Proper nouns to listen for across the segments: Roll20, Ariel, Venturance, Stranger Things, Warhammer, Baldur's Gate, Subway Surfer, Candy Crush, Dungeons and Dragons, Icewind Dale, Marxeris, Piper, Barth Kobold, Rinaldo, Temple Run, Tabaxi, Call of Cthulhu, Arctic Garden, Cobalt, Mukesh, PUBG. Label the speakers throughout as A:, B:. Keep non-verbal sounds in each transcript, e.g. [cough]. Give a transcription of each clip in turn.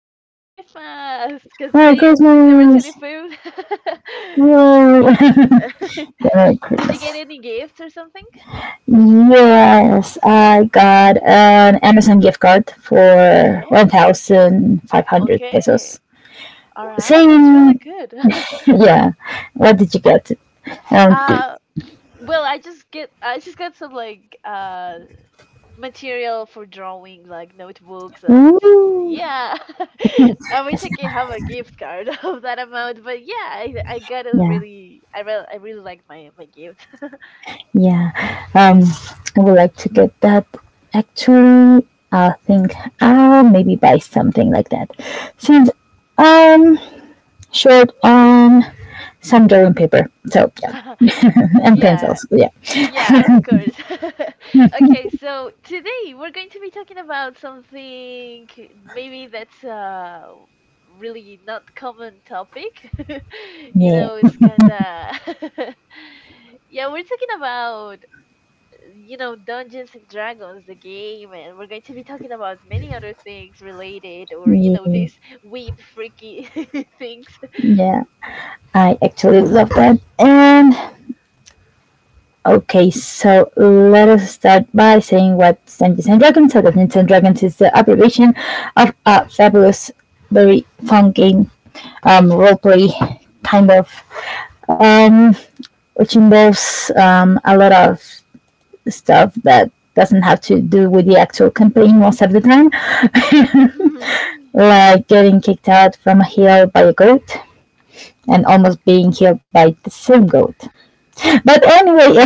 A: that Happy Christmas, because
B: Merry
A: today is December
B: Christmas.
A: 25th.
B: Yay.
A: [laughs]
B: [laughs] Merry
A: Did you
B: Christmas.
A: get any gifts or something?
B: Yes, I got an Amazon gift card for
A: Okay,
B: 1,500
A: okay.
B: pesos.
A: All right, that's really
B: Same,
A: good. [laughs]
B: yeah. What did you get? Um,
A: uh, well, I just got some like material for drawing like notebooks
B: Ooh,
A: yeah. [laughs] I wish
B: that's
A: I could
B: not,
A: have a gift card [laughs] of that amount, but yeah, I got a
B: yeah,
A: really I really like my gift.
B: yeah. I would like to get that. Actually, I think I'll maybe buy something like that since I'm short on some drawing paper. So yeah.
A: [laughs]
B: Mhm. And
A: Yeah,
B: pencils. Yeah,
A: yeah, of course. [laughs] Okay, so today we're going to be talking about something maybe that's really not common topic. [laughs] You
B: yeah,
A: know, it's kind of [laughs] yeah, we're talking about, you know, Dungeons and Dragons, the game, and we're going to be talking about many other things related, or, you know,
B: yeah,
A: these weep freaky [laughs] things.
B: yeah. I actually love that. And okay, so let us start by saying what Dungeons and Dragons. So Dungeons and Dragons is the abbreviation of a fabulous, very fun game, roleplay kind of, um, which involves a lot of stuff that doesn't have to do with the actual campaign most of the time, like getting kicked out from a hill by a goat, and almost being killed by the same goat. But anyway,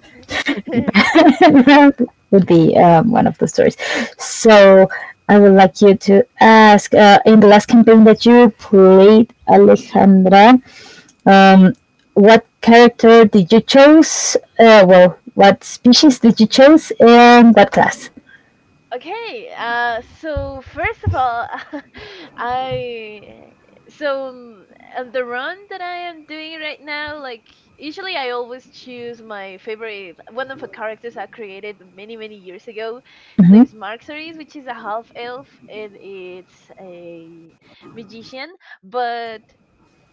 A: [laughs]
B: [laughs] that would be one of the stories. So I would like you to ask in the last campaign that you played, Alejandra, um, what character did you choose? Well, what species did you choose and what class?
A: Okay, so first of all, [laughs] I so on the run that I am doing right now, like usually I always choose my favorite one of the characters I created many many years ago. His
B: Mm-hmm.
A: name's Marxeris, which is a half elf, and it's a magician. But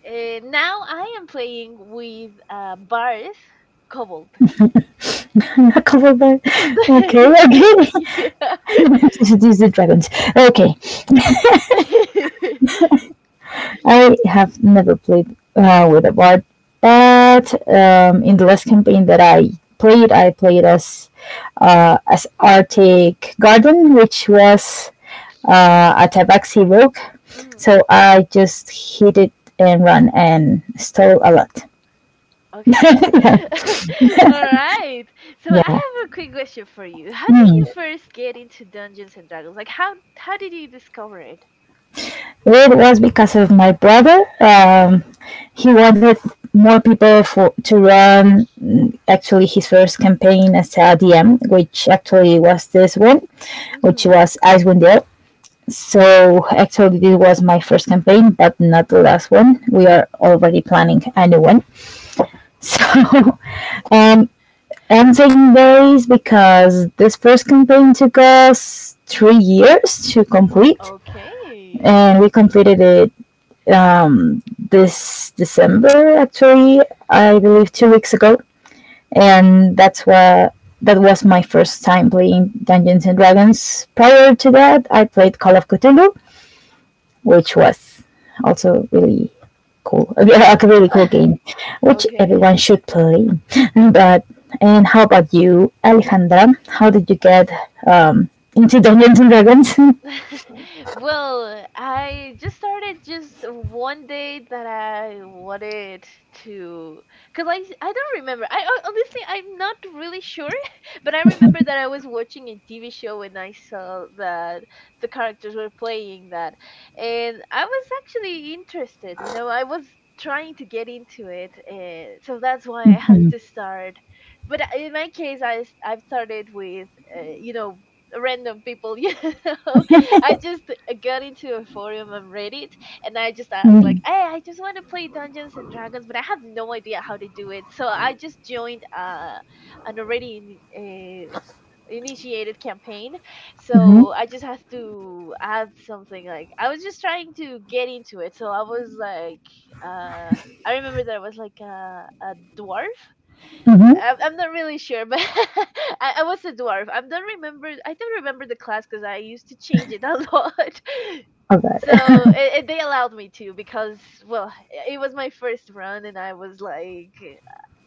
A: now I am playing with Barth Kobold.
B: [laughs] Okay, okay.
A: [laughs] Yeah. [laughs]
B: [laughs] These are dragons. Okay.
A: [laughs]
B: I have never played with a bard, but in the last campaign that I played as Arctic Garden, which was a Tabaxi rogue.
A: Mhm.
B: So I just hit it and run and stole a lot.
A: Okay. [laughs] All right. So I
B: Yeah.
A: have a quick question for you. How did
B: Hmm.
A: you first get into Dungeons and Dragons? Like how did you discover it?
B: It was because of my brother. He wanted more people for to run, actually his first campaign as a DM, which actually was this one. Which
A: Mhm.
B: was Icewind Dale. So actually, this was my first campaign, but not the last one. We are already planning a new one. So, [laughs]
A: Okay.
B: and I'm saying days because this first campaign took us 3 years to complete,
A: Okay.
B: and we completed it, um, this December. Actually, I believe 2 weeks ago, and that's why that was my first time playing Dungeons and Dragons. Prior to that, I played Call of Cthulhu, which was also really cool, a, [laughs] a really cool game,
A: [laughs]
B: which everyone
A: Okay.
B: should play. But and how about you, Alejandra? How did you get, um, into Dungeons and Dragons? [laughs]
A: [laughs] Well, I just started just one day that I wanted to, because I don't remember. Honestly, I'm not really sure, [laughs] but I remember that I was watching a TV show and I saw that the characters were playing that. And I was actually interested, you know, I was trying to get into it. And so that's why I have to start. But in my case, I've started with, you know, random people. [laughs] You know, I just got into a forum on Reddit and I just asked
B: Mm-hmm,
A: like, hey, I just want to play Dungeons and Dragons, but I have no idea how to do it. So I just joined an already initiated campaign. So I just have to add something like I was just trying to get into it, so I was like uh I remember that I was like a dwarf.
B: mm-hmm.
A: I'm not really sure, but [laughs] I was a dwarf. I don't remember. I don't remember the class because I used to change it a [laughs] lot.
B: Oh God! [laughs]
A: So they allowed me to because well, it was my first run, and I was like,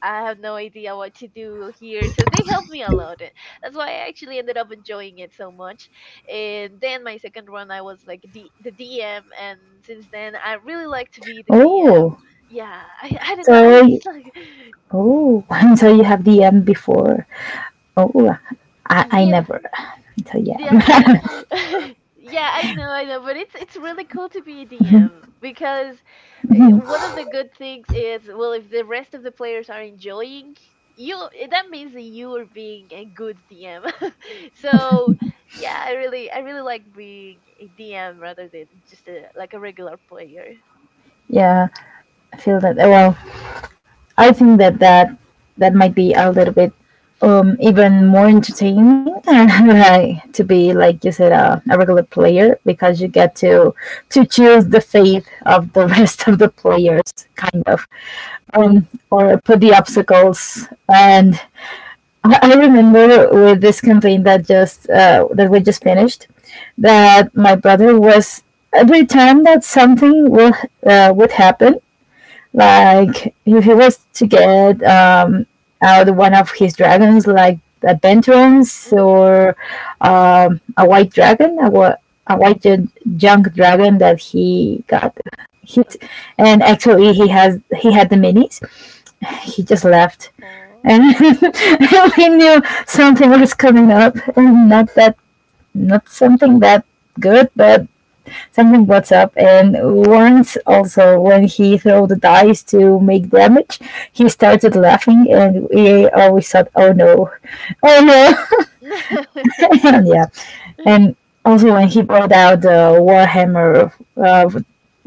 A: I have no idea what to do here. So they helped me a lot. And That's why I actually ended up enjoying it so much. And then my second run, I was like the DM, and since then I really like to be the DM.
B: Oh,
A: Yeah, I don't know. I
B: so you-
A: just like.
B: oh, [laughs] so you have DM before? Oh, I
A: Yeah.
B: never. So yeah.
A: Yeah.
B: [laughs]
A: [laughs] Yeah, I know, but it's really cool to be a DM because one of the good things is, well, if the rest of the players are enjoying you, that means that you are being a good DM. [laughs] So, yeah, I really like being a DM rather than just like a regular player.
B: Yeah. I feel that. Well, I think that that might be a little bit, even more entertaining, [laughs] right? To be, like you said, a regular player, because you
A: Hmm.
B: get to choose the fate of the [laughs] rest of the players kind of, or put the obstacles, and I remember with this campaign that we just finished, that my brother was every time that something will would happen, like if he was to get, out one of his dragons, like a Venturance
A: Hmm.
B: or, a white dragon, a junk dragon that he got hit, and
A: Okay.
B: actually he had the minis. He just left, and [laughs] we knew something was coming up, and not that not something that good, but something butts up, and Lawrence also, when he threw the dice to make damage, he started laughing and we always thought, oh no, oh no. [laughs] And
A: [laughs]
B: yeah. And also when he brought out the Warhammer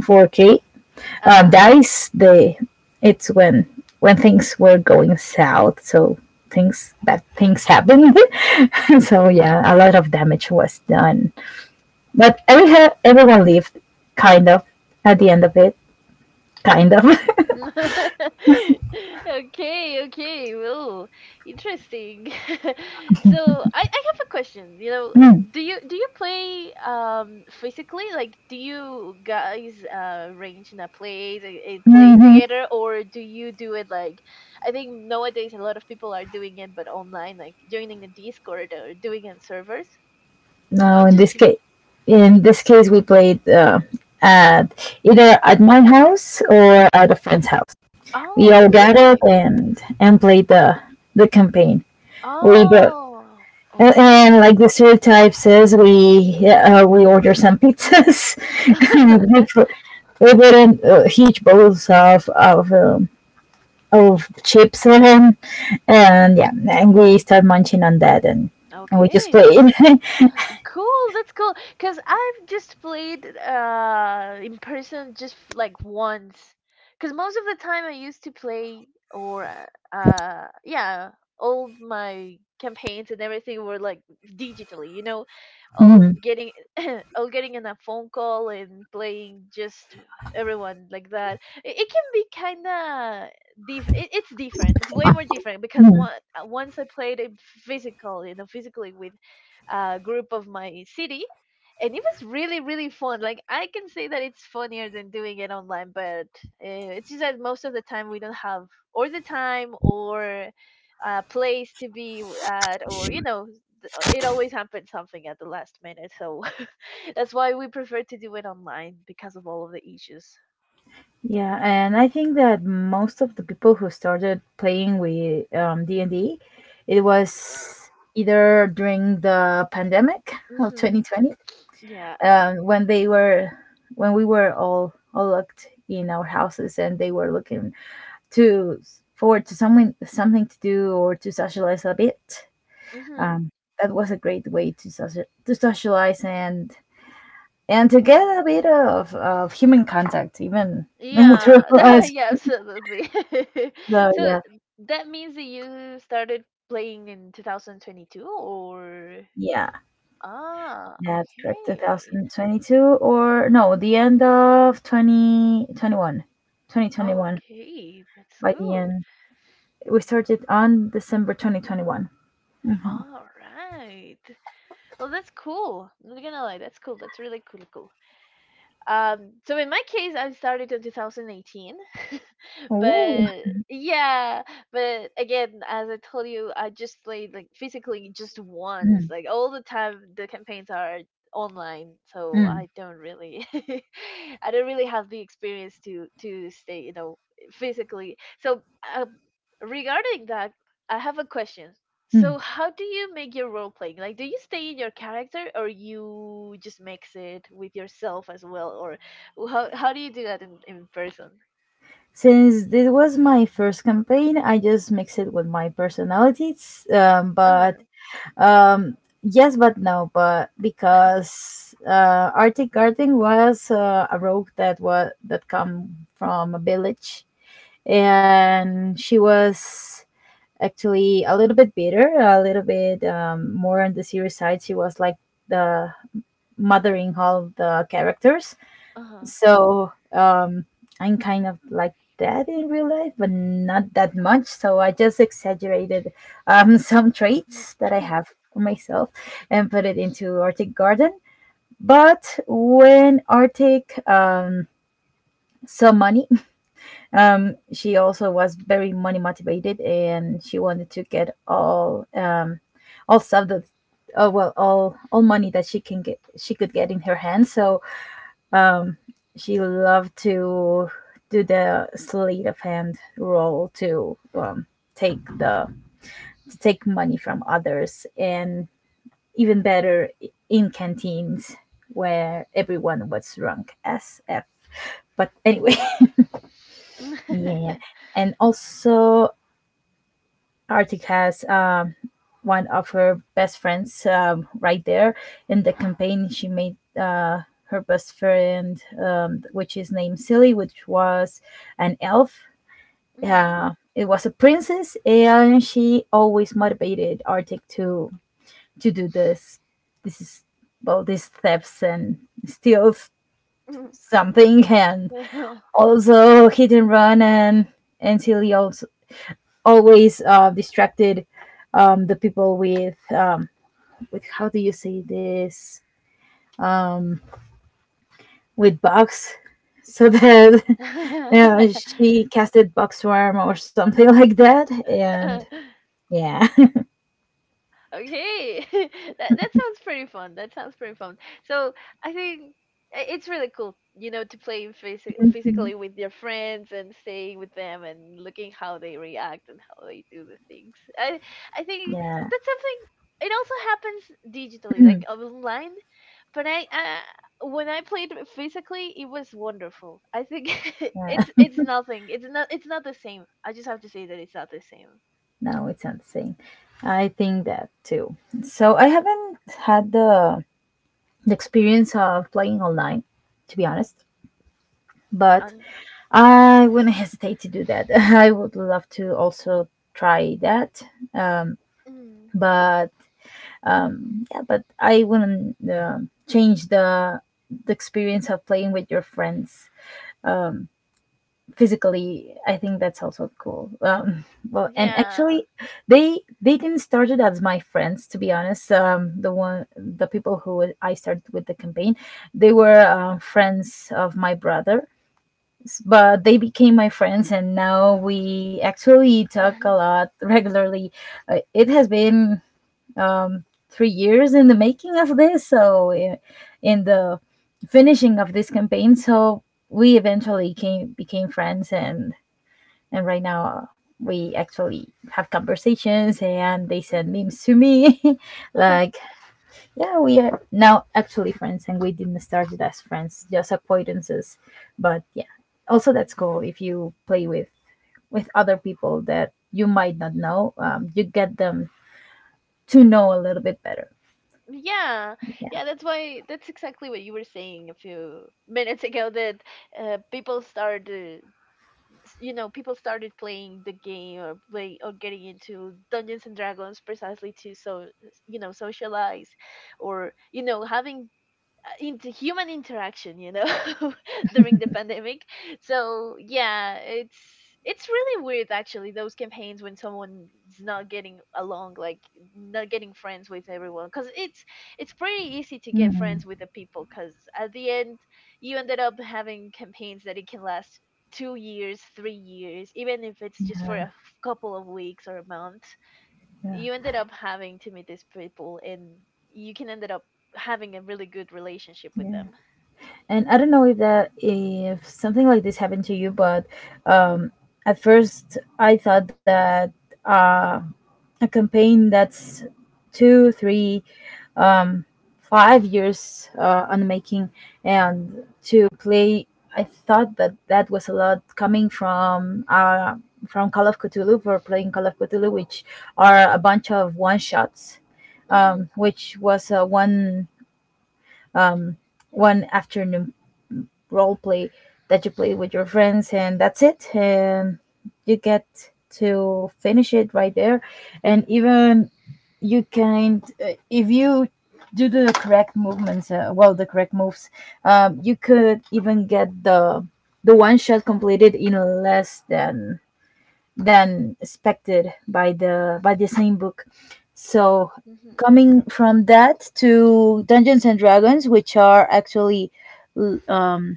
B: 4K
A: Aw. [laughs]
B: dice, they it's when things were going south, so things happened. [laughs] So
A: uh,
B: yeah, a lot of damage was done, but everyone lived kind of at the end of it kind of. [laughs]
A: [laughs] Okay, okay. Well, interesting. [laughs] So, I have a question. You know,
B: Mm,
A: do you play physically? Like, do you guys arrange in a place and play
B: mhm.
A: together, or do you do it like I think nowadays a lot of people are doing it, but online, like joining a Discord or doing it on servers. So
B: No,
A: I'm
B: in
A: just
B: this
A: curious.
B: case, we played, at my house or at a friend's house. We
A: Oh,
B: all gathered
A: really?
B: and played the campaign. We both.
A: Oh,
B: And
A: okay.
B: like the stereotype says, we order some pizzas. [laughs] And we
A: [laughs]
B: put we put in, huge bowls of chips, and yeah, and we start munching on that, and we just
A: Okay,
B: played.
A: that's cool, that's cool. Cause I've just played in person just like once. Cause most of the time I used to play or yeah, all my campaigns and everything were like digitally, you know, all
B: [laughs]
A: getting [clears throat] all getting in a phone call and playing just everyone like that. It can be kind of it's different. It's way more different because
B: Mm.
A: one, once I played it physical, you know, physically with group of my city, and it was really really fun. Like, I can say that it's funnier than doing it online, but it's just that most of the time we don't have or the time or a place to be at, or, you know, it always happens something at the last minute, so [laughs] that's why we prefer to do it online because of all of the issues.
B: Yeah, and I think that most of the people who started playing with, D&D, it was either during the pandemic of
A: Mhm.
B: 2020,
A: Yeah.
B: when they were when we were all locked in our houses, and they were looking to forward to something to do or to socialize a bit.
A: Mhm.
B: Um, that was a great way to socialize and to get
A: Uh-huh.
B: a bit of human contact, even [laughs] through.
A: Yeah, [laughs] yeah, absolutely. [laughs]
B: So
A: So
B: yeah.
A: that means that you started playing in 2022, or
B: Yeah,
A: ah,
B: that's correct.
A: okay.
B: 2022, or no, the end of 2021. 2021.
A: Okay, that's
B: By the
A: good.
B: end, we started on December 2021. Mm-hmm.
A: All right. Well, that's cool. I'm not gonna lie, that's cool. That's really cool, cool. So in my case, I started in 2018,
B: Oh.
A: but yeah, but again, as I told you, I just played like physically just once.
B: Mm,
A: Like, all the time the campaigns are online, so
B: mm,
A: I don't really [laughs] I don't really have the experience to stay, you know, physically, so uh, regarding that, I have a question.
B: mm.
A: So how do you make your role playing? Like, do you stay in your character or you just mix it with yourself as well, or how do you do that in person?
B: Since this was my first campaign, I just mix it with my personalities. But,
A: uh,
B: um, yes, but no, but because, Arctic Garden was, a rogue that come from a village, and she was actually a little bit bitter, a little bit, more on the serious side. She was like the mothering all the characters.
A: uh-huh.
B: So, I'm kind of like that in real life, but not that much. So I just exaggerated, [laughs] some
A: Mm.
B: traits that I have for myself and put it into Arctic Garden. But when Arctic, saw money, she also was very money motivated, and she wanted to get all stuff well, all money that she can get, she could get in her hand. So she loved to do the sleight of hand role take the to take money from others, and even better in canteens where everyone was drunk as f. But anyway, [laughs] yeah, and also Arctic has one of her best friends, right there in the campaign she made, her best friend, which is named silly, which was an elf,
A: [laughs] Mhm,
B: it was a princess, and she always motivated arctic to do This is, well, these thefts and steals
A: mhm.
B: something. [laughs] And also hit and run, and silly also always, distracted, the people with, with how do you say this, um, with bugs, so that [laughs] she
A: [laughs]
B: casted buckswarm or something [laughs] like that, and yeah.
A: Okay. [laughs] That that sounds pretty fun. That sounds pretty fun. So I think it's really cool, you know, to play
B: [laughs]
A: physically with your friends and staying with them and looking how they react and how they do the things. I think
B: Yeah,
A: that's something. It also happens digitally, like online. But I, when I played it physically, it was wonderful. I think [laughs]
B: yeah.
A: it's nothing. It's not the same. I just have to say that it's not the same.
B: No, it's not the same. I think that too. So I haven't had the experience of playing online, to be honest, but
A: Um,
B: I wouldn't [laughs] hesitate to do that. [laughs] I would love to also try that,
A: mm,
B: but yeah, but I wouldn't, change the experience of playing with your friends physically. I think that's also cool. Well, and
A: yeah.
B: actually, they didn't start it as my friends, to be honest. The one the people who I started with the campaign, they were, friends of my brother, but they became my friends, and now we actually talk a lot regularly. It has been, 3 years in the making of this, so in the finishing of this campaign. So we eventually came became friends, and right now, we actually have conversations, and they
A: [laughs]
B: send
A: Mhm.
B: memes to me, [laughs] like.
A: [laughs]
B: Yeah, we are now actually friends, and we didn't start it as friends, just acquaintances. But yeah, also that's cool if you play with other people that you might not know. You get them to know a little bit better.
A: Yeah,
B: Yeah.
A: yeah, that's why, that's exactly what you were saying a few minutes ago, that uh, people started, you know, people started playing the game or play or getting into Dungeons and Dragons precisely to so, you know, socialize, or, you know, having into human interaction, you know, [laughs] during the pandemic. So yeah, it's really weird actually those campaigns when someone's not getting along, like not getting friends with everyone, because it's pretty easy to get friends with the people, because at the end you ended up having campaigns that it can last 2 years, 3 years, even if it's just for a couple of weeks or a month.
B: Yeah,
A: You ended up having to meet these people and you can ended up having a really good relationship with
B: yeah.
A: them.
B: And I don't know if that if something like this happened to you, but, um, at first I thought that, uh, a campaign that's two, three, um, 5 years, on the making and to play, I thought that that was a lot coming from, from Call of Cthulhu, for playing Call of Cthulhu, which are a bunch of one shots,
A: Mhm.
B: which was a one afternoon role play that you play with your friends, and that's it, and you get to finish it right there, and even you can, if you do the correct movements, well, the correct moves, you could even get the one shot completed in less than expected by the same book. So
A: Mhm.
B: coming from that to Dungeons and Dragons, which are actually, um,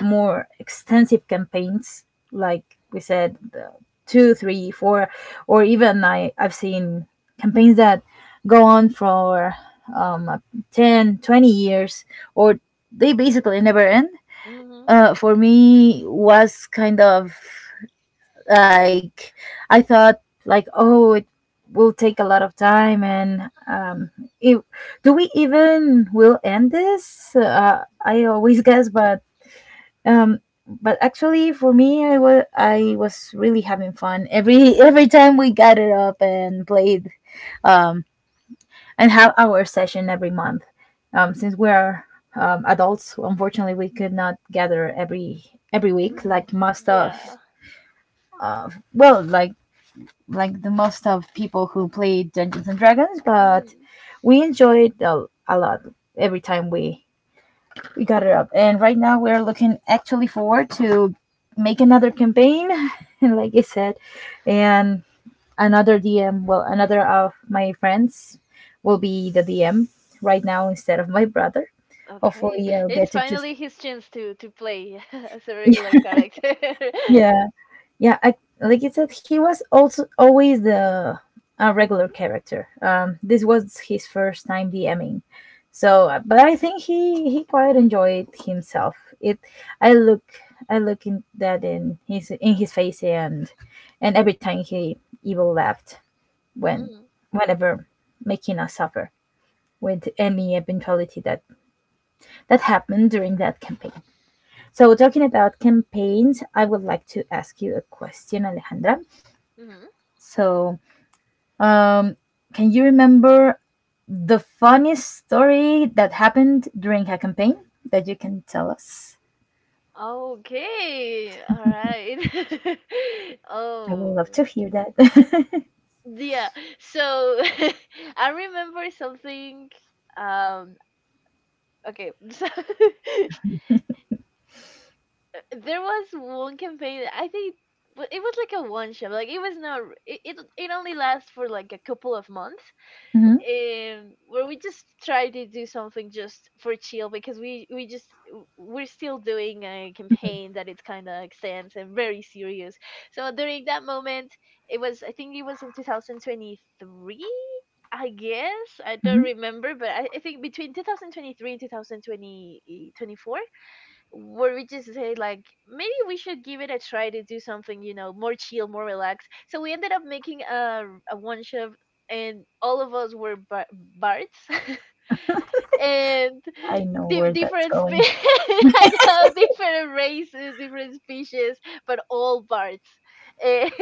B: more extensive campaigns, like we said, the two, three, four, or even I've seen campaigns that go on for, um, 10, 20 years, or they basically never end.
A: Mhm.
B: For me, was kind of like I thought, like, oh, it will take a lot of time, and, it, do we even will end this? I always guess, um but actually for me I was really having fun every [laughs] every time we gathered up and played um and have our session every month since we're adults. Unfortunately, we could not gather every week
A: Mhm.
B: like most of
A: Yeah.
B: well, like the most of people who play Dungeons and Dragons, but
A: Mhm.
B: we enjoyed a lot every time we got it up, and right now we're looking actually forward to make another campaign. [laughs] Like I said, and another DM, well, another of my friends will be the DM right now instead of my brother.
A: Okay,
B: Hopefully I'll
A: it's
B: get to choose.
A: finally his chance to play [laughs] as a
B: [laughs]
A: regular
B: Yeah.
A: character. [laughs]
B: Yeah. Yeah, like I said, he was also always the regular character. This was his first time DMing. So, but I think he quite enjoyed himself. I look, I look in that, in his, in his face, and every time he evil laughed when
A: Mhm.
B: whenever making us suffer with any eventuality that that happened during that campaign. So, talking about campaigns, I would like to ask you a question, Alejandra.
A: Mhm.
B: So, um, can you remember the funniest story that happened during a campaign that you can tell us?
A: Okay, all right. [laughs]
B: I would
A: Oh,
B: love to hear that.
A: yeah. So [laughs] I remember something. um okay. [laughs] So [laughs] there was one campaign that I think, but it was like a one shot. Like, it was not it it only lasts for like a couple of months,
B: [laughs] Hmm.
A: where we just try to do something just for chill, because we just we're still doing a campaign that it kind of extends and very serious. So during that moment, it was, I think it was in 2023, I guess, I don't
B: Hmm.
A: remember, but I think between 2023 and 2020, where we just say like, maybe we should give it a try to do something, you know, more chill, more relaxed. So we ended up making a one shot, and all of us were bards [laughs] and
B: I know where that's
A: different [laughs]
B: going.
A: I know, different races, different species, but all bards, and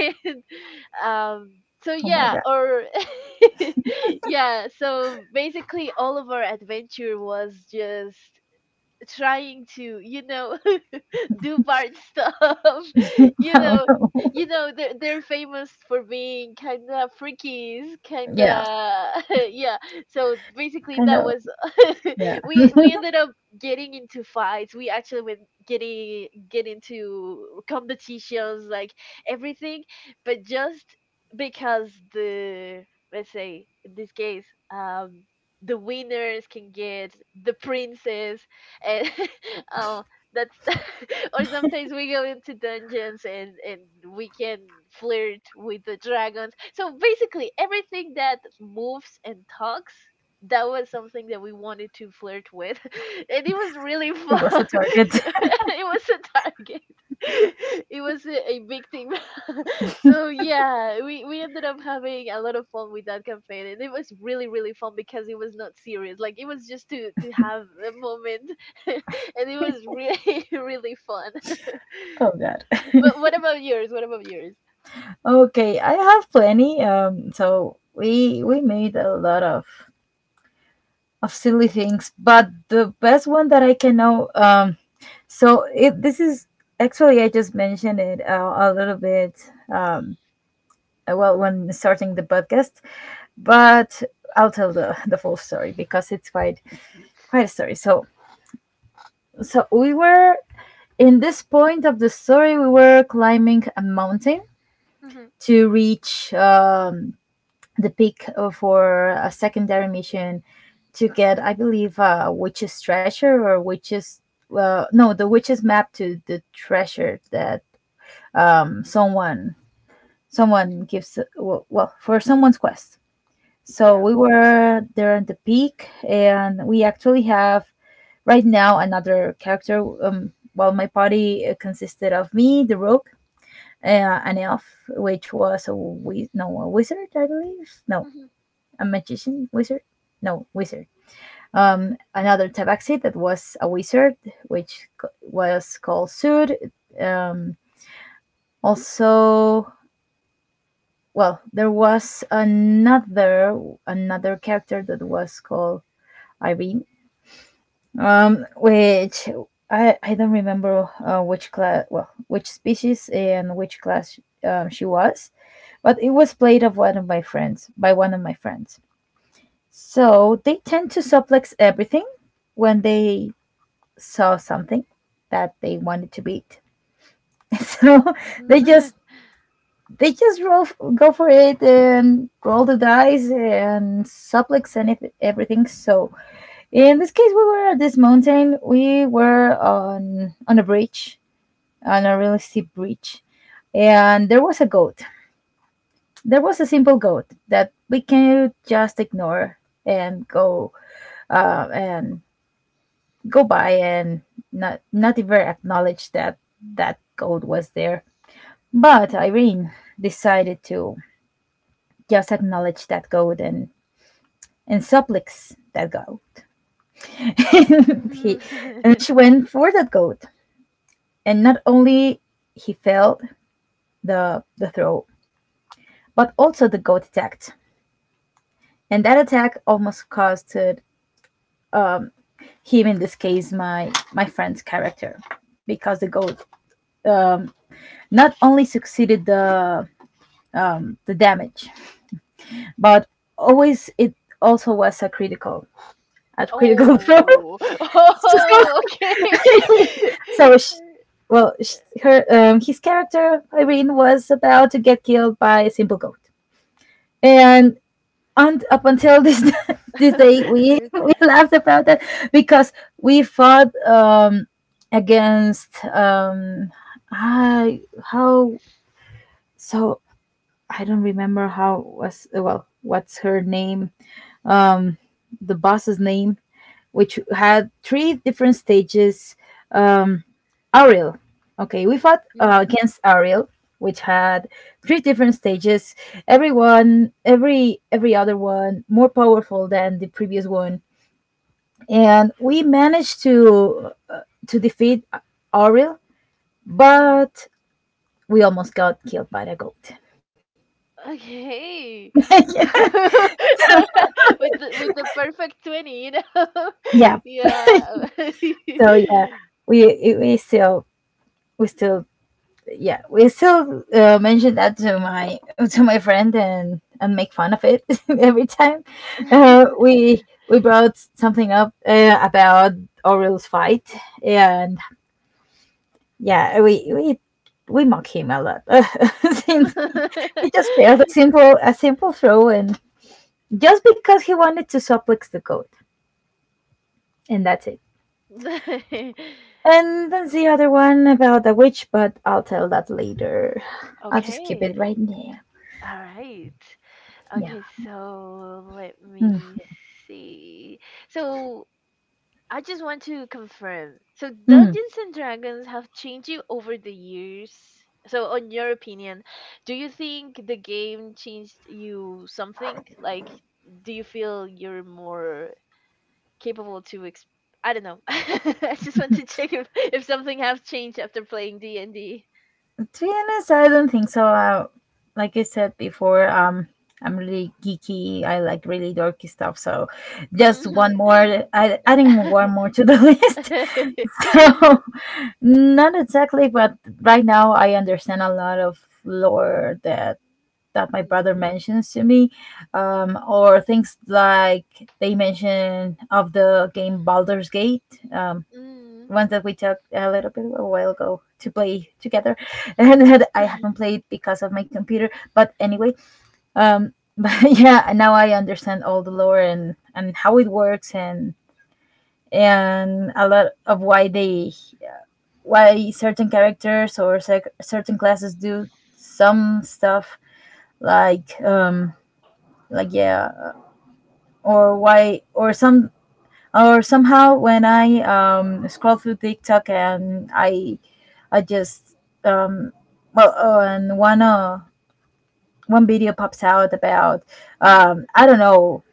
A: [laughs] um so
B: Oh my
A: yeah,
B: god. [laughs]
A: or [laughs] yeah, so basically all of our adventure was just trying to, you know, [laughs] do bard stuff. [laughs] You
B: Oh
A: know,
B: no.
A: you know they're famous for being kind of freakies, kind
B: Yeah.
A: of [laughs] yeah. So basically
B: Kind
A: that
B: of.
A: was
B: Yeah.
A: [laughs] we ended up getting into fights. We actually went getting get into competitions, like everything, but just because the, let's say in this case, um the winners can get the princess, and [laughs] um that's [laughs] or sometimes we go into dungeons and we can flirt with the dragons. So basically, everything that moves and talks, that was something that we wanted to flirt with. [laughs] And it was really
B: It was
A: fun.
B: a
A: [laughs]
B: target. [laughs]
A: It was a target. [laughs] It was a big thing. [laughs] So yeah, we ended up having a lot of fun with that campaign, and it was really really fun because it was not serious Like it was just to have a moment. [laughs] and it was really [laughs] really fun. [laughs]
B: Oh god.
A: But what about yours? What about yours?
B: Okay, I have plenty. So we made a lot of silly things, but the best one that I can know. So it, this is actually I just mentioned it a little bit. Well, when starting the podcast, but I'll tell the full story because it's quite quite a story. So, so we were in this point of the story, we were climbing a mountain
A: Hmm.
B: to reach the peak for a secondary mission to get, I believe, a witch's treasure or witch's, well, no, the witch's map to the treasure that someone, someone
A: Hmm.
B: gives, well, well, for someone's quest. So
A: Yeah.
B: we were there at the peak, and we actually have right now another character. Well, my party consisted of me, the rogue, uh, an elf, which was a no, a wizard, I believe. No,
A: Hmm.
B: a magician wizard. No, wizard.
A: Yeah.
B: Another tabaxi that was a wizard, which was called Sud. Um, also, well, there was another, another character that was called Irene, which I don't remember which class, well, which species and which class she was, but it was played of one of my friends, by one of my friends. So they tend to suplex everything when they saw something that they wanted to beat. [laughs] So they
A: Mhm.
B: just, they just roll, go for it, and roll the dice and suplex anything, everything. So in this case, we were at this mountain. We were on a bridge, on a really steep bridge, and there was a goat. There was a simple goat that we can just ignore and go and go by and not, not even acknowledge that that goat was there. But Irene decided to just acknowledge that goat and supplics that goat. [laughs] He and
A: Mhm.
B: she went for that goat. And not only he failed the throw, but also the goat attacked. And that attack almost costed him, in this case, my friend's character, because the goat um, not only succeeded the damage, but always it also was a critical, a
A: [laughs]
B: critical [laughs] throw.
A: oh. [laughs]
B: [laughs]
A: Oh. Okay.
B: So so sh, well, sh, her his character Irene was about to get killed by a simple goat, and and up until this [laughs] this day we [laughs]
A: [laughs]
B: we laughed about that because we fought against I how, so I don't remember how was, well, what's her name, um the boss's name, which had three different stages. Um, Ariel. Okay, we fought
A: mm.
B: against Ariel, which had three different stages. Everyone, every other one more powerful than the previous one, and we managed to defeat Ariel,
A: Mm.
B: but we almost got killed by the goat.
A: Okay. [laughs] Alright, with with the perfect 20, you know.
B: Yeah.
A: [laughs] yeah.
B: So yeah, we still, we still, yeah, we still mention that to my, to my friend, and make fun of it [laughs] every time uh, we we brought something up about Orioles fight. And yeah, we mock him a lot [laughs] since he just failed a simple, a simple throw, and just because he wanted to suplex the goat. And that's it. And then the other one about the witch, but I'll tell that later.
A: [laughs] [laughs]
B: I'll just keep
A: okay.
B: it right there.
A: All right.
B: Yeah.
A: Okay, so let
B: Mm.
A: me see. So I just want to confirm. So
B: Mm.
A: Dungeons and Dragons have changed you over the years. So on your opinion, do you think the game changed you something? Like, do you feel you're more capable to I don't know. [laughs] I just want to check if something has changed after playing D&D.
B: To be honest, I don't think so. Like I said before, I'm really geeky. I like really dorky stuff. So, just
A: Mhm.
B: one more, I, adding one more
A: [laughs]
B: to the [laughs] list. [laughs] So, not exactly, but right now I understand a lot of lore that that my brother mentions to me, or things like they mention of the game Baldur's Gate.
A: Mm.
B: Ones that we took a little bit a while ago to play together [laughs] and that I haven't
A: [laughs]
B: played because of my computer. But anyway, [laughs] but yeah, now I understand all the lore and how it works, and a lot of why they, why certain characters or certain classes do some stuff, like um like yeah, or why, or some, or somehow when I scroll through TikTok and I just um well, oh, and one one video pops out about,
A: Mhm.
B: I don't know,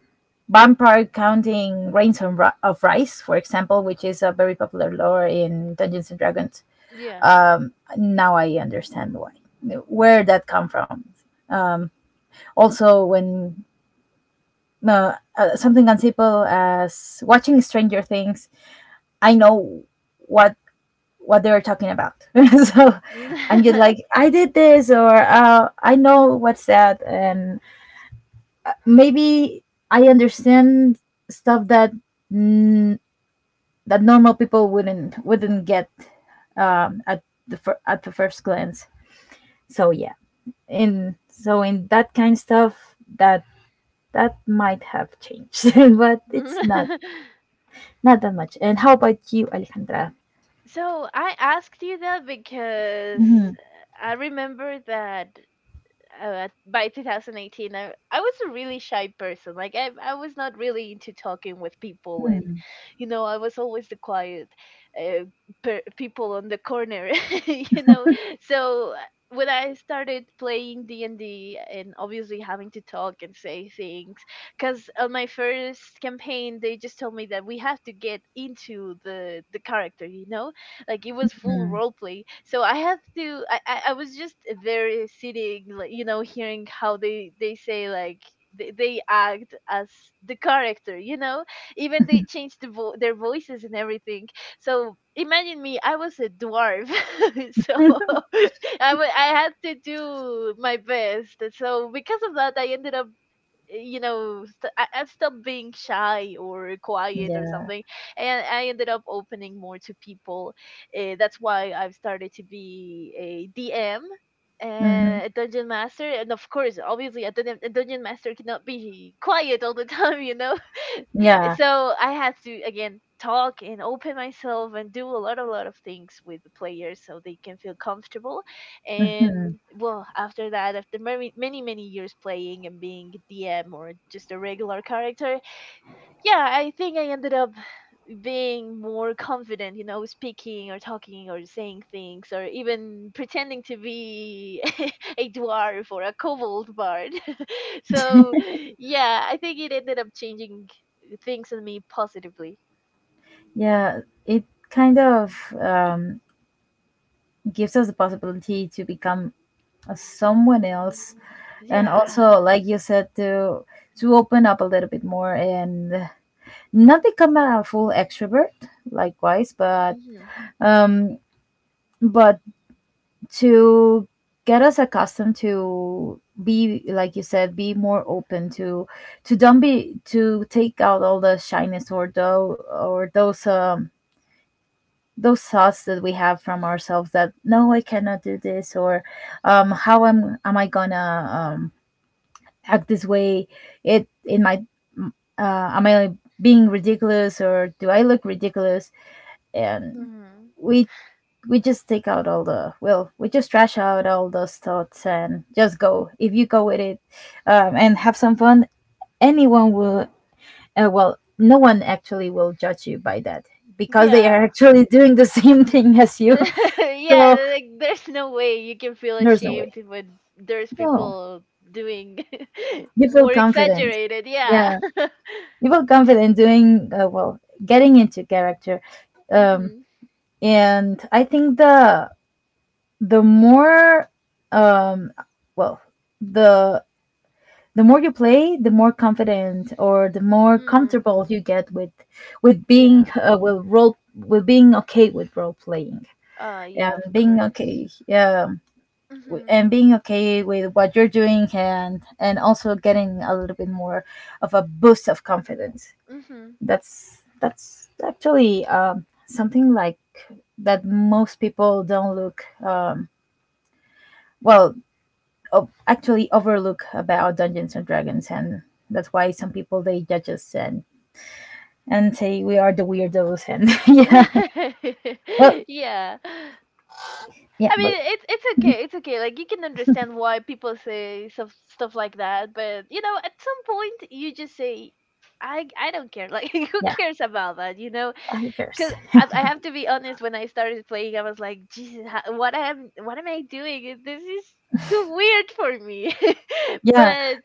B: vampire counting grains of of rice, for example, which is a very popular lore in Dungeons and Dragons.
A: Yeah.
B: Um, now I understand why, where that come from. Also, when something as simple as watching Stranger Things, I know what what they're talking about. [laughs] So I'm just like,
A: [laughs]
B: I did this, or I know what's that, and maybe I understand stuff that mm, that normal people wouldn't get at the at the first glance. So yeah, in, so in that kind of stuff that that might have changed, [laughs] but it's not, not that much. And how about you, Alejandra?
A: so I asked you that because I remember that by 2018 I was a really shy person. Like, I was not really into talking with people, and you know, I was always the quiet, uh, people on the corner, [laughs] you know. So when I started playing D&D, and obviously having to talk and say things, because on my first campaign they just told me that we have to get into the character, you know. Like, it was full role play, so I had to I was just there sitting, like, you know, hearing how they say like, they act as the character, you know. Even they changed the their voices and everything. So imagine me, I was a dwarf. [laughs] so [laughs] I had to do my best, so because of that I ended up, you know, I'm still being shy or quiet or
B: Yeah.
A: something, and I ended up opening more to people. That's why I've started to be a DM
B: Hmm.
A: and a dungeon master, and of course, obviously a dungeon master cannot be quiet all the [laughs] time, you know. [laughs]
B: Yeah.
A: so I had to again talk and open myself and do a lot of things with the players so they can feel comfortable. And
B: Hmm.
A: well, after that, after many years playing and being DM, or just a regular character, yeah, I think I ended up being more confident, you know, speaking or talking or saying things, or even pretending to be [laughs] a dwarf or a kobold bard. [laughs] so yeah, I think it ended up changing things in me positively.
B: Yeah, it kind of gives us the possibility to become a, someone else, and
A: Yeah.
B: also, like you said, to open up a little bit more and not become a full extrovert, likewise,
A: Hmm.
B: um, but to get us accustomed to, be like you said, be more open to don't be, to take out all the shyness or though, or those thoughts that we have from ourselves that, no, I cannot do this, or how am I gonna um, act this way, it in my am I being ridiculous or do I look ridiculous. And
A: Hmm.
B: we we just take out all the, well, we just trash out all those thoughts and just go, if you go with it, and have some fun. Anyone will well, no one actually will judge you by that, because they are [laughs]
A: Yeah,
B: actually doing the [laughs] same thing as you.
A: [laughs]
B: So
A: yeah, like there's no way you can feel
B: there's no way.
A: ashamed when there's
B: No,
A: people doing [laughs]
B: you feel
A: more
B: confident.
A: exaggerated. Yeah.
B: Yeah,
A: [laughs]
B: you feel confident doing well, getting into character, um,
A: Mhm.
B: and I think the more, um, well, the the more you play, the more confident or the more
A: Mm.
B: comfortable you get with being
A: Yeah.
B: with role, with being okay with role playing and
A: Yeah. Of
B: being
A: course.
B: okay. Yeah,
A: Mhm.
B: and being okay with what you're doing, and also getting a little bit more of a boost of confidence.
A: Mhm.
B: That's actually something like that most people don't look, well, actually overlook about Dungeons and Dragons. And that's why some people they judge us and say we are the weirdos, and [laughs] yeah, well,
A: [laughs] yeah.
B: yeah,
A: I
B: but
A: mean, it's okay. It's okay. Like, you can understand why people say stuff like that, but you know, at some point you just say, I don't care. Like, [laughs] who
B: yeah,
A: cares about that? You know,
B: who cares?
A: cause I have to be honest. When I started playing, I was like, Jesus, what am I doing? This is too weird for me. [laughs]
B: Yeah.
A: but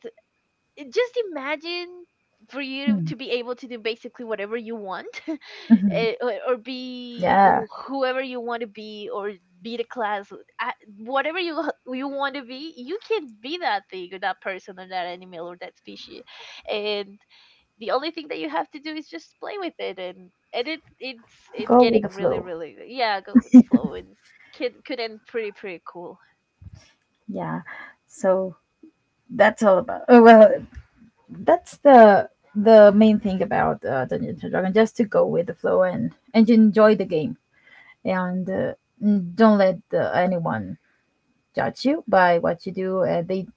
A: just imagine, for you
B: Mm-hmm.
A: to be able to do basically whatever you want, [laughs]
B: Mm-hmm.
A: eh, or be
B: Yeah,
A: whoever you want to be, or be the class, whatever you you want to be. You can be that thing, or that person, or that animal, or that species, and the only thing that you have to do is just play with it, and it's
B: go with the
A: getting really
B: flow.
A: really, yeah, go with the flow and kid could end pretty pretty cool.
B: Yeah. So that's all about, oh, well, that's the main thing about Dungeons and Dragons, just to go with the flow and enjoy the game. And don't let anyone judge you by what you do. They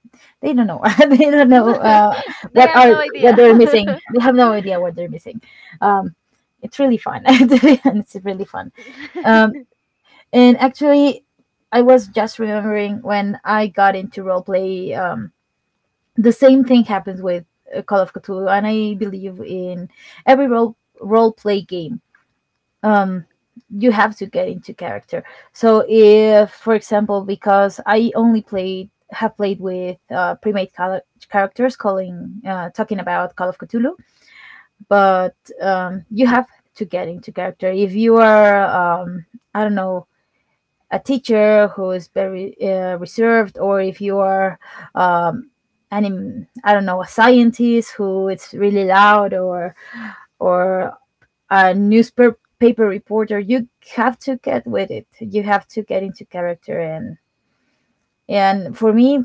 B: they don't know. [laughs] They don't know
A: [laughs] they
B: what
A: have
B: are,
A: no
B: what
A: idea.
B: they're missing. They have no idea what they're missing. Um, it's really fun. [laughs] To be honest, it's really fun. Um,
A: [laughs]
B: and actually, I was just remembering when I got into roleplay, um, the same thing happens with Call of Cthulhu, and I believe in every role play game. Um, you have to get into character. So if, for example, because I only played, have played with pre-made characters, calling, talking about Call of Cthulhu, but you have to get into character. If you are, um, I don't know, a teacher who is very reserved, or if you are, um, I don't know, a scientist who is really loud, or a newspaper reporter, you have to get with it. You have to get into character and. And for me,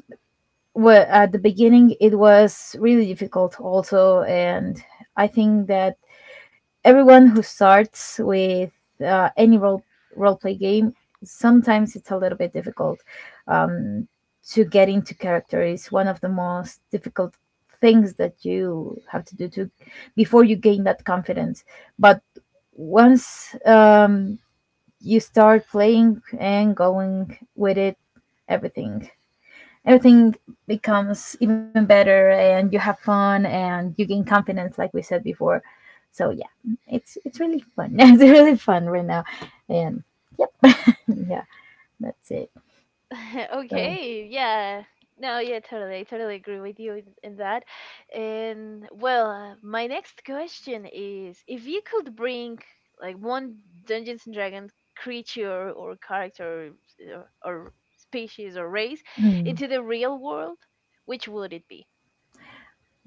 B: well, at the beginning, it was really difficult also. And I think that everyone who starts with any role play game, sometimes it's a little bit difficult to get into character. Is one of the most difficult things that you have to do to before you gain that confidence. But once you start playing and going with it, everything everything becomes even better, and you have fun and you gain confidence like we said before. So yeah, it's really fun. [laughs] It's really fun right now. And yep. [laughs] Yeah, that's it.
A: [laughs]
B: So
A: Okay, yeah. No, yeah, totally. I totally agree with you in that. And well, my next question is, if you could bring like one Dungeons and Dragons creature or character, or species or race
B: mm,
A: into the real world, which would it be?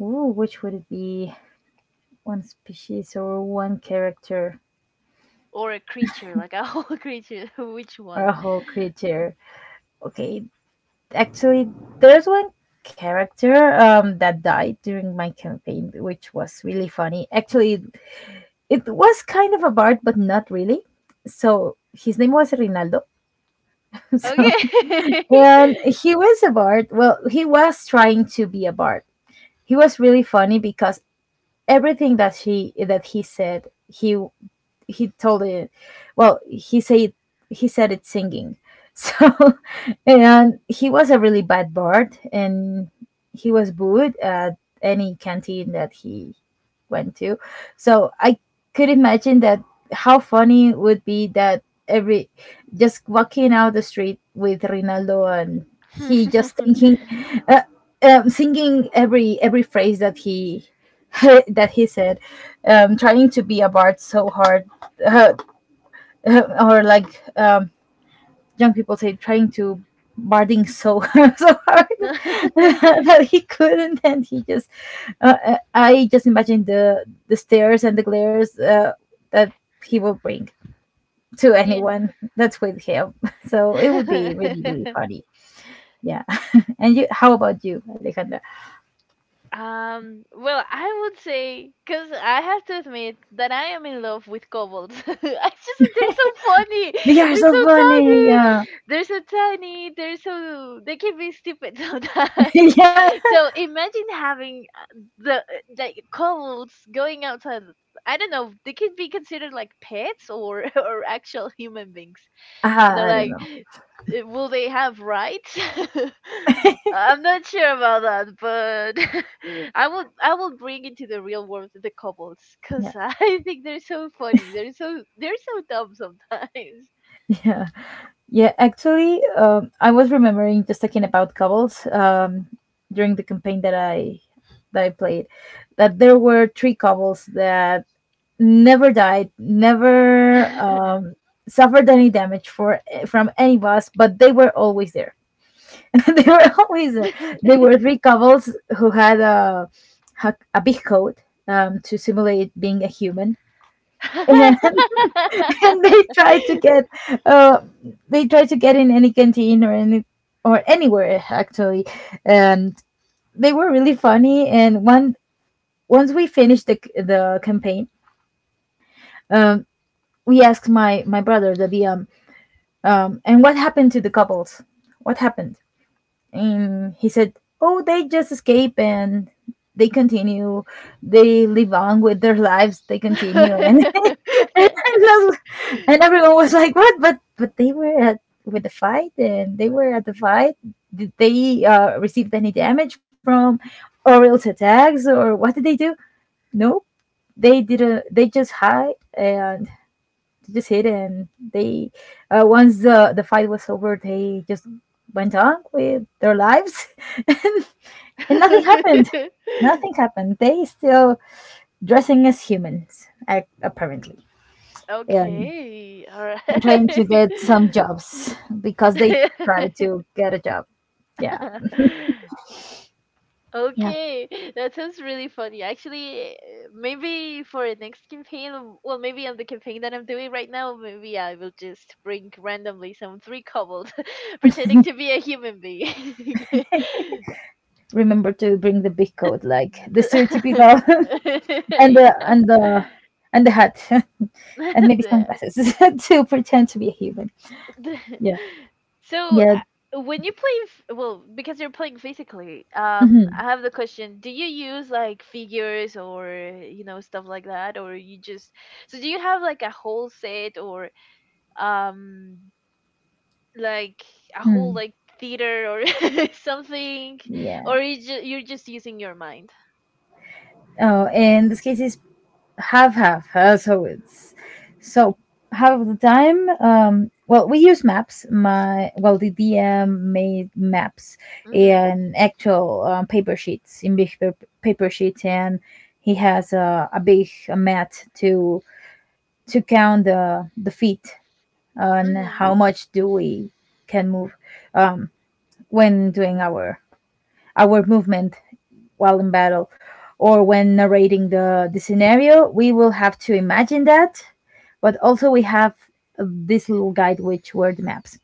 B: ooh, which would it be? One species or one character
A: Or a creature, like a whole [laughs] creature, [laughs] which
B: or a
A: one?
B: whole creature. Okay, actually, there's one character that died during my campaign, which was really funny. Actually, it was kind of a bard, but not really. So his name was Rinaldo. [laughs] So
A: Okay.
B: and he was a bard. Well, he was trying to be a bard. He was really funny because everything that she that he said, he told it, well he said, he said it singing. So [laughs] and he was a really bad bard, and he was booed at any canteen that he went to. So I could imagine that, how funny would be that every, just walking out the street with Rinaldo, and he just thinking, uh, singing every phrase that he [laughs] that he said, trying to be a bard so hard, uh, or like young people say, trying to barding so [laughs] so hard, [laughs]
A: [laughs]
B: that he couldn't, and he just I just imagine the stares and the glares that he will bring
A: [laughs]
B: to
A: yeah.
B: anyone that's with him. [laughs] So it would be really really
A: [laughs]
B: funny. Yeah. [laughs] And you, how about you, Alejandra?
A: Well, I would say, because I have to admit that I am in love with kobolds. [laughs] I just, they're so funny.
B: We are
A: They're
B: so
A: so
B: funny.
A: tiny.
B: Yeah.
A: They're so tiny. They're so, they can be stupid [laughs]
B: [laughs]
A: sometimes.
B: Yeah.
A: So imagine having the kobolds going outside. I don't know, they could be considered like pets, or [laughs] or actual human beings. You
B: Ah,
A: know,
B: I don't
A: like,
B: know.
A: will they have rights? [laughs] I'm not sure about that, but [laughs] I will bring into the real world the couples,
B: Yeah.
A: because [laughs] I think they're so funny. They're so, they're so dumb sometimes.
B: [laughs] Yeah. Yeah, actually, I was remembering just talking about cobbles, during the campaign that I played, that there were three cobbles that never died, never
A: [laughs]
B: um, suffered any damage for from any boss, but they were always there. [laughs] They were always there. They were three cobbles who had a a big coat, to simulate being a human. [laughs] [laughs] And they try to get uh they try to get in any canteen or any, or anywhere actually, and they were really funny. And one, once we finished the campaign, um we asked my brother the VM, and what happened to the couples, what happened. And he said, "Oh, they just escape, and they continue. They live on with their lives. They continue." And [laughs] and that's- and everyone was like, "What?" But they were at with the fight, and they were at the fight. Did they receive any damage from Orioles attacks, or what did they do? No, they did. Not They just hide and they just hit and they once the fight was over, they just went on with their lives. [laughs] and, and nothing happened, nothing happened. They still dressing as humans, apparently. and
A: okay, all
B: and trying to get some jobs, because they try
A: right.
B: to get a job. Yeah,
A: [laughs] [laughs]
B: yeah.
A: Okay, [laughs] that sounds really funny. Actually, eh, maybe for the next campaign, well, maybe on the campaign that I'm doing right now, maybe I will just bring randomly some three kobolds [laughs] pretending to be a human being.
B: Remember to bring the big coat like
A: [laughs]
B: the
A: D-
B: stereotypical. [laughs] And
A: [laughs] yeah.
B: the and
A: [laughs]
B: the hat. [laughs] And maybe
A: And,
B: sunglasses [laughs] to pretend to be a human.
A: [laughs]
B: Yeah.
A: so
B: Yeah.
A: when you play well, because you're playing physically, um,
B: Mhm.
A: I have the question, do you use like figures or, you know, stuff like that, or you just, so, do you have like a whole set, or um, like a whole
B: Hmm.
A: like theater, or [laughs] something,
B: Yeah.
A: or you you're just using your mind?
B: Oh, in this case, it's half half. So it's so half of the time. Well, we use maps. My well, the DM made maps
A: Mhm.
B: and actual paper sheets, in paper sheets, and he has a big mat to count the feet on
A: Mhm.
B: how much do we can move, um, when doing our movement while in battle, or when narrating the scenario. We will have to imagine that, but also we have this little guide, which were the maps.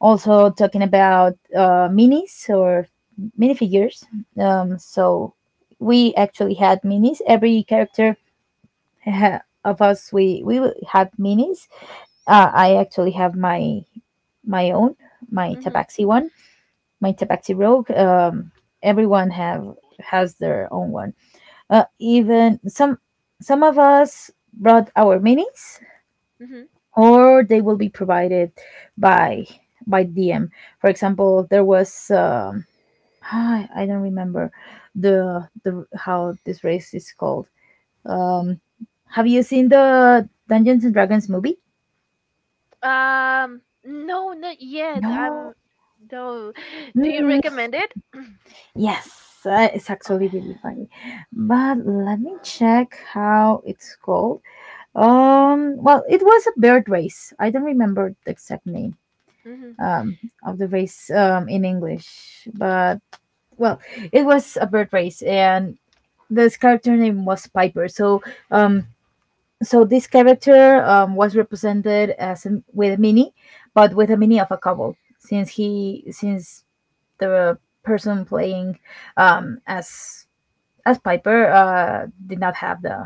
B: Also, talking about minis or minifigures. So, we actually had minis. Every character of us, had minis. I actually have my my own, my
A: Mhm.
B: Tabaxi one, my Tabaxi rogue. Everyone have has their own one. Even some of us brought our minis,
A: Mhm.
B: or they will be provided by by DM. For example, there was I don't remember the how this race is called. Um, have you seen the Dungeons and Dragons movie?
A: Um, no, not yet, I'm
B: No.
A: no. [gasps] do you
B: Mm,
A: recommend it?
B: yes, it's actually
A: Okay.
B: really funny. But let me check how it's called. Well, it was a bird race. I don't remember the exact name,
A: Mhm.
B: um, of the race, in English. But well, it was a bird race, and this character name was Piper. So um, so this character was represented as a, with a mini, but with a mini of a couple, since he since the person playing um, as as Piper did not have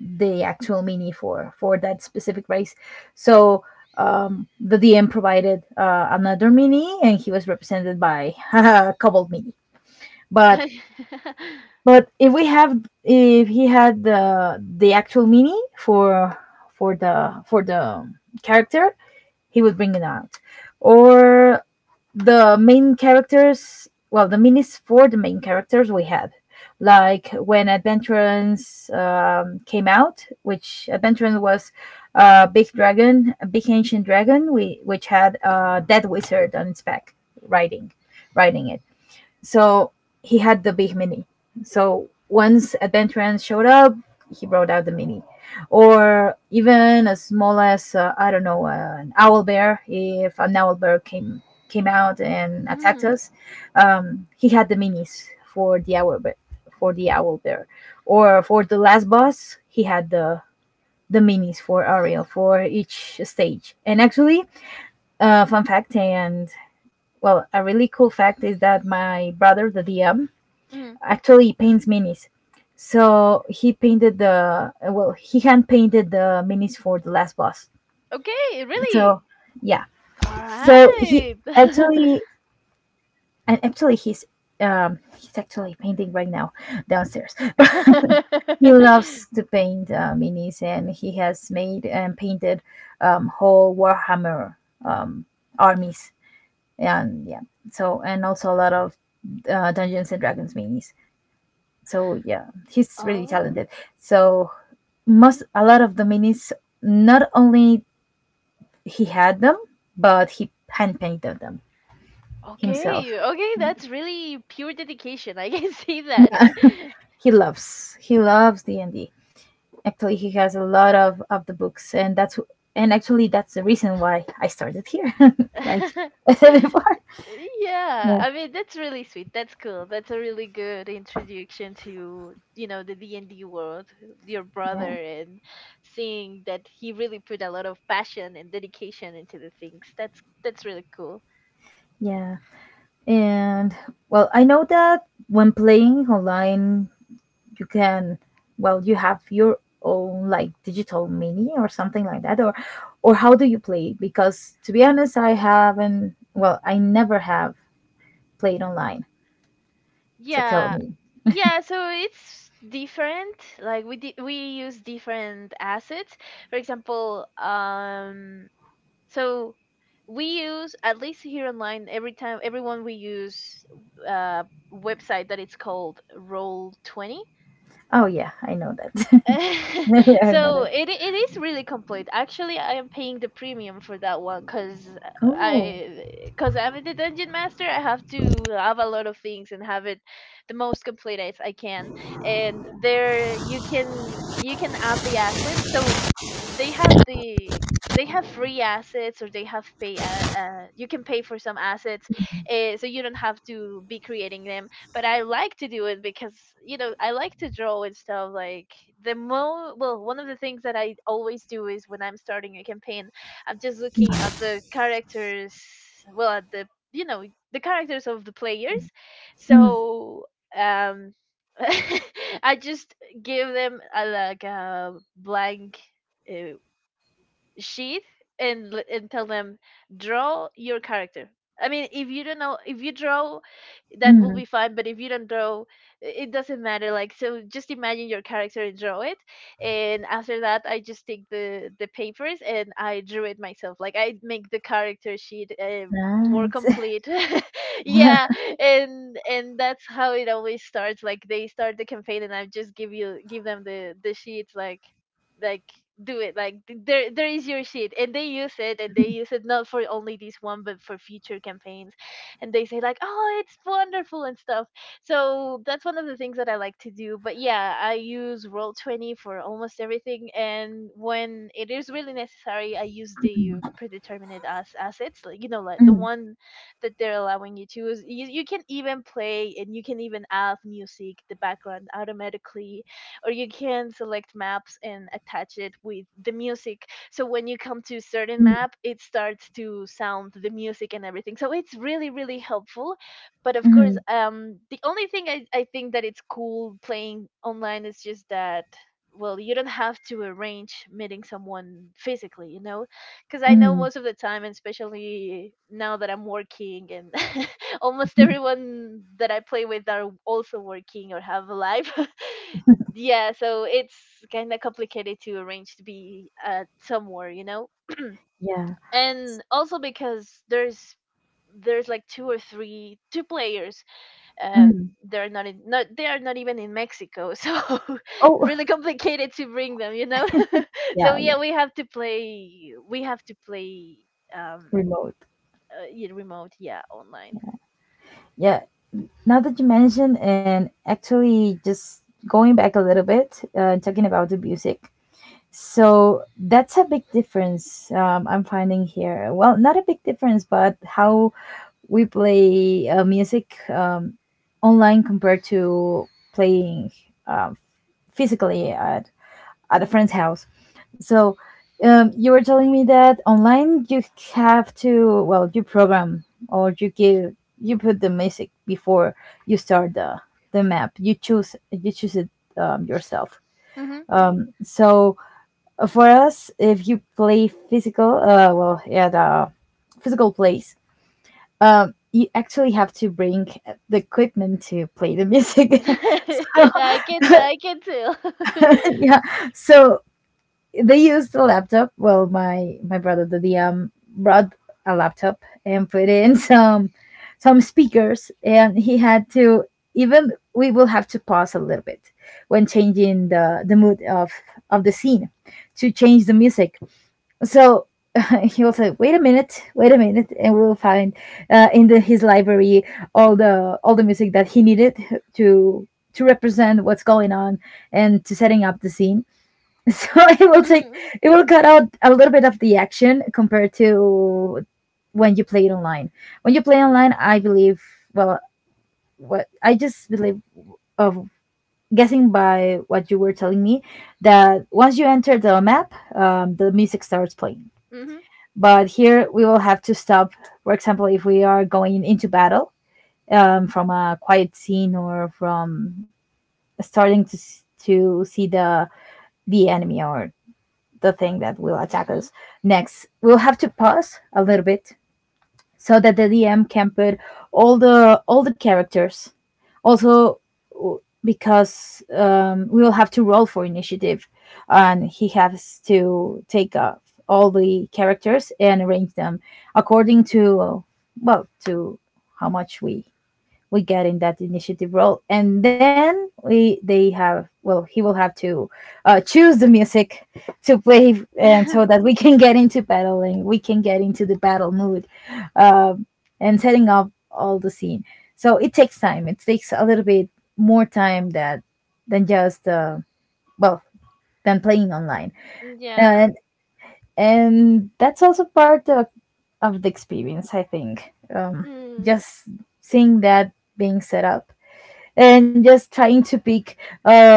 B: the actual mini for that specific race. So the DM provided another mini, and he was represented by [laughs] a Cobalt Mini. But but if we have, if he had the actual mini for the character, he would bring it out. Or the main characters, well the minis for the main characters, we had, like when Adventurance came out, which Adventurance was a big dragon, a big ancient dragon, we, which had a dead wizard on its back riding, riding it. So he had the big mini. So once Adventurance showed up, he brought out the mini, or even as small as I don't know, an owl bear. If an owl bear came out and attacked
A: Mhm,
B: us, he had the minis for the owl bear, for the owl bear, or for the last boss, he had the minis for Ariel for each stage. And actually, fun fact and well, a really cool fact is that my brother, the DM,
A: mhm. [laughs]
B: actually he paints minis. So he painted the, well, he hand painted the minis for the last boss.
A: Okay,
B: So
A: really?
B: yeah,
A: All
B: so he
A: right.
B: actually, and actually he's he's actually painting right now downstairs. [laughs] He loves to
A: [laughs]
B: paint minis, and he has made and painted whole Warhammer um armies, and yeah. So and also a lot of Dungeons and Dragons minis. So yeah, he's really
A: Oh,
B: talented. So most, a lot of the minis, not only he had them, but he hand painted them himself.
A: okay. Okay, that's really pure dedication. I can see that.
B: He loves, he loves D&D. Actually he has a lot of the books, and that's and actually that's the reason why I started here [laughs] like
A: [laughs]
B: I said before.
A: Yeah,
B: Yeah,
A: I mean, that's really sweet. That's cool. That's a really good introduction to, you know, the D&D world, your brother,
B: yeah,
A: and seeing that he really put a lot of passion and dedication into the things. That's really cool.
B: yeah. And well, I know that when playing online, you can, well you have your own like digital mini or something like that, or how do you play? Because to be honest, I haven't, well I never have played online. So tell
A: Yeah.
B: me.
A: Yeah, so it's different. Like, we use different assets. For example, so we use, at least here online, every time, everyone, we use uh website that it's called Roll20.
B: Oh yeah, I know that. [laughs]
A: [laughs]
B: Yeah, I know
A: so
B: that.
A: it is really complete. Actually, I am paying the premium for that one, because
B: Oh.
A: I, because I'm the dungeon master. I have to have a lot of things and have it the most complete as I can. And there you can, you can add the assets. So they have the, they have free assets, or they have pay, you can pay for some assets, so you don't have to be creating them. But I like to do it, because, you know, I like to draw and stuff. Like, the mo well, one of the things that I always do is, when I'm starting a campaign, I'm just looking at the characters, well at the you know, the characters of the players.
B: Mm.
A: So, um, [laughs] I just give them a, like a blank, uh, sheet, and and tell them, draw your character. I mean, if you don't know if you draw, that will
B: Mm.
A: be fine, but if you don't draw, it doesn't matter. Like, so just imagine your character and draw it. And after that, I just take the papers and I drew it myself, like I make the character sheet, more
B: Nice. [laughs]
A: complete. [laughs]
B: Yeah.
A: yeah. And that's how it always starts. Like, they start the campaign and I just give them the sheets, like, do it, like, there is your shit, and they use it, and they use it not for only this one, but for future campaigns, and they say like, oh, it's wonderful and stuff. So that's one of the things that I like to do. But yeah, I use Roll 20 for almost everything, and when it is really necessary, I use the predetermined as assets, like, you know, like the
B: Mm.
A: one that they're allowing you to use. You can even play and you can even add music, the background automatically, or you can select maps and attach it with the music. So when you come to a certain
B: Mm.
A: map, it starts to sound the music and everything. So it's really really helpful. But of course,
B: Mm.
A: the only thing I think that it's cool playing online is just that. Well, you don't have to arrange meeting someone physically, you know, because I know
B: Mm.
A: most of the time, and especially now that I'm working, and [laughs] almost
B: [laughs]
A: everyone that I play with are also working or have a life. [laughs] yeah, so it's kind of complicated to arrange to be somewhere, you know.
B: Yeah.
A: And also because there's like 2 or 3 2 players, um,
B: Mm.
A: they're not in not they are not even in Mexico. So [laughs]
B: Oh.
A: really complicated to bring them, you know.
B: [laughs]
A: [laughs]
B: Yeah.
A: so
B: Yeah,
A: yeah, we have to play, we have to play, um,
B: remote.
A: yeah, remote, yeah, online.
B: Yeah. Now that you mentioned, and actually just going back a little bit, talking about the music, so that's a big difference, I'm finding here. Well, not a big difference, but how we play music online compared to playing um physically at a
A: Hmm.
B: friend's house. So you were telling me that online you have to, well you program, or you give you put the music before you start the map. You choose, you choose it, yourself.
A: Hmm.
B: So for us, if you play physical, well, yeah, the physical plays, you actually have to bring the equipment to play the music.
A: [laughs] yeah, I can tell, I can tell. [laughs]
B: [laughs] Yeah. So they used a laptop. Well, my brother, the DM, brought a laptop and put in [laughs] some speakers, and he had to, even we will have to pause a little bit when changing the mood of the scene to change the music. So. [laughs] He will say, wait a minute," and we'll find in the, his library all the music that he needed to to represent what's going on, and to setting up the scene. [laughs] So it will take,
A: hmm.
B: it will cut out a little bit of the action compared to when you play it online. When you play online, I believe, well what I just believe of guessing by what you were telling me, that once you enter the map, the music starts playing.
A: Hmm.
B: But here we will have to stop, for example if we are going into battle, from a quiet scene, or from starting to to see the enemy or the thing that will attack us next. We'll have to pause a little bit so that the DM can put all the characters. Also, because we will have to roll for initiative, and he has to take off all the characters and arrange them according to, well, to how much we get in that initiative role. And then we they have well he will have to choose the music to play, and
A: Hmm.
B: so
A: [laughs]
B: that we can get into the battle mood. um, and setting up all the scene. So it takes time, it takes a little bit more time that than just well than playing online.
A: Yeah.
B: And and that's also part of the experience, I think.
A: Mm.
B: Just seeing that being set up, and just trying to pick uh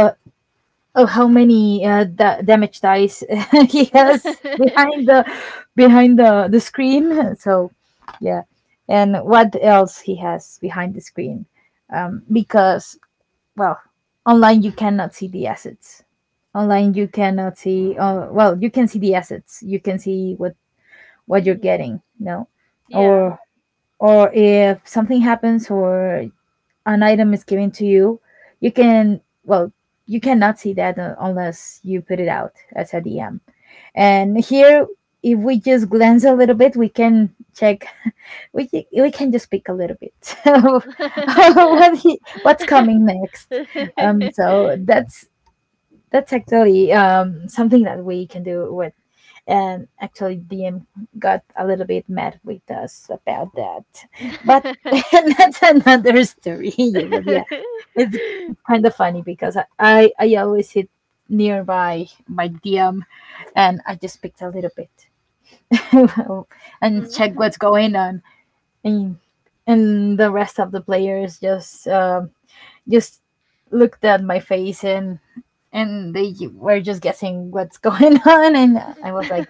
B: oh, how many damage dice [laughs] he has behind the
A: [laughs]
B: the screen. [laughs] So, yeah. And what else he has behind the screen. Um, because well online you cannot see the assets. Online you cannot see, well, you can see the assets, you can see what you're
A: Mhm.
B: getting. No,
A: Yeah.
B: or or if something happens, or an item is given to you, you can, well, you cannot see that unless you put it out as a DM. And here, if we just glance a little bit, we can check. We can just pick a little bit [laughs]
A: [laughs]
B: what's coming next. So that's actually something that we can do with. And actually, DM got a little bit mad with us about that. But [laughs] that's
A: [laughs]
B: another story. [laughs] Yeah, but yeah, it's kind of funny because I always sit nearby my DM, and I just picked a little bit [laughs] and check
A: Mm.
B: what's going on. And, and the rest of the players just. Just looked at my face, and they were just guessing what's going [laughs] on. And I was like,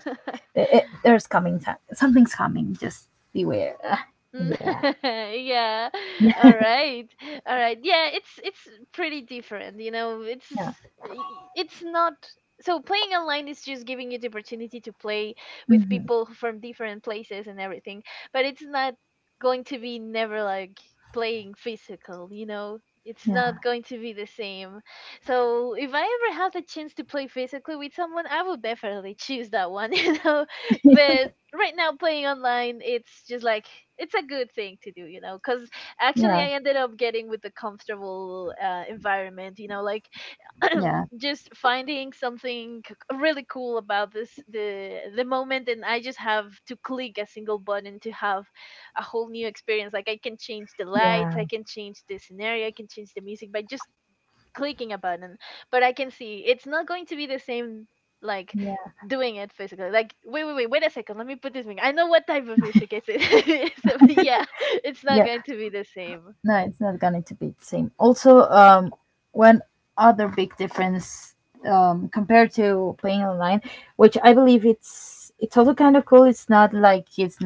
B: "Eh, eh, there's coming time, something's coming, just beware.
A: [laughs]
B: Yeah,
A: yeah,
B: yeah,
A: all right all right, yeah, it's pretty different.
B: yeah."
A: It's not so playing online is just giving you the opportunity to play with
B: Hmm,
A: people from different places and everything, but it's not going to be never like playing physical, you know. It's
B: yeah,
A: not going to be the same. So if I ever had the chance to play physically with someone, I would definitely [laughs] choose that one [laughs] you know But right now playing online, it's just like it's a good thing to do, you know, because actually
B: yeah,
A: I ended up getting with a comfortable environment, you know, like [clears throat]
B: yeah,
A: just finding something really cool about this the moment, and I just have to click a single button to have a whole new experience. Like I can change the lights,
B: yeah,
A: I can change the scenario, I can change the music by just clicking a button. But I can see it's not going to be the same, like
B: yeah,
A: doing it physically. Like wait, a second, let me put this thing, I know what type of music it is. [laughs] So, yeah, it's not
B: yeah.
A: going to be the same.
B: No, it's not going to be the same. Also, one other big difference compared to playing online, which I believe it's also kind of cool. It's not like it's,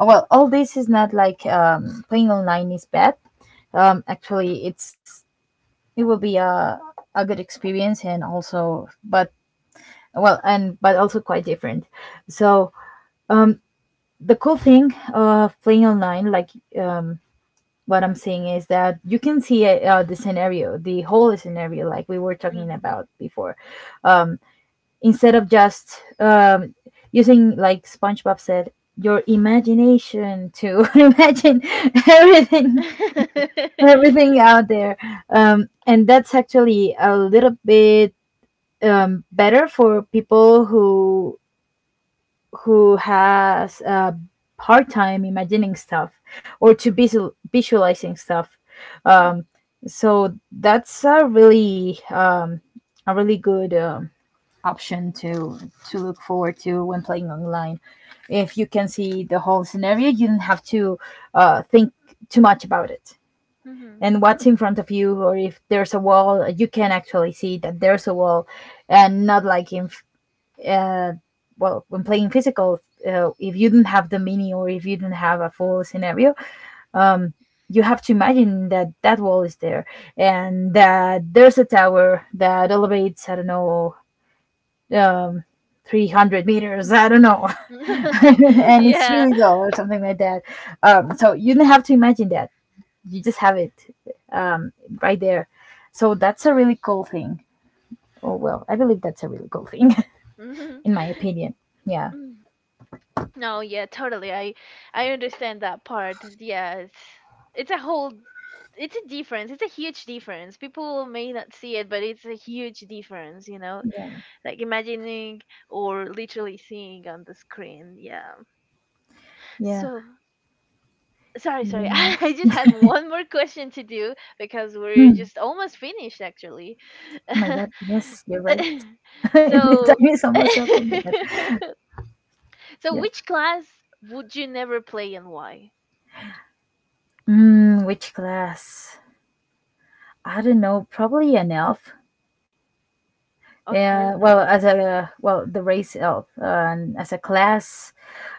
B: well, all this is not like playing online is bad. Actually, it's, it will be a good experience, and also, but, well, and but also quite different. So, um, the cool thing of playing online, like, um, what I'm saying is that you can see the whole scenario, like we were talking
A: Mhm.
B: about before. um, Instead of just, using, like SpongeBob said, your imagination to [laughs] imagine everything everything
A: [laughs]
B: out there. And that's actually a little bit better for people who has a hard time imagining stuff, or to visualizing stuff. um, so that's a really good option to look forward to when playing online. If you can see the whole scenario, you don't have to think too much about it.
A: Mhm.
B: And what's in front of you, or if there's a wall, you can actually see that there's a wall, and not like in uh, when playing physical. If you don't have the mini, or if you don't have a full scenario, um, you have to imagine that that wall is there, and that there's a tower that elevates. I don't know, um, 300 meters, I don't know. [laughs]
A: [laughs]
B: And it's
A: Yeah.
B: really low, or something like that. So you don't have to imagine that, you just have it um, right there. So that's a really cool thing. Oh, well, I believe that's a really cool thing. [laughs]
A: Mhm.
B: In my opinion. Yeah,
A: Mm. No, yeah, totally. I understand that part. Yeah, it's a whole, it's a difference. It's a huge difference. People may not see it, but it's a huge difference, you know.
B: yeah,
A: Like imagining or literally seeing on the screen. Yeah.
B: yeah.
A: So sorry. [laughs]
B: Yeah.
A: I just had one more question to do because
B: Mm,
A: we're
B: oh
A: just almost finished actually. [laughs]
B: my god, yes, you're right. [laughs] The
A: So
B: time is almost up, oh
A: [laughs]
B: my god.
A: so
B: Yeah.
A: which class would you never play and why?
B: Mm, which class? I don't know, probably an elf.
A: Okay.
B: Yeah, well, as a, well, the race of, as a class,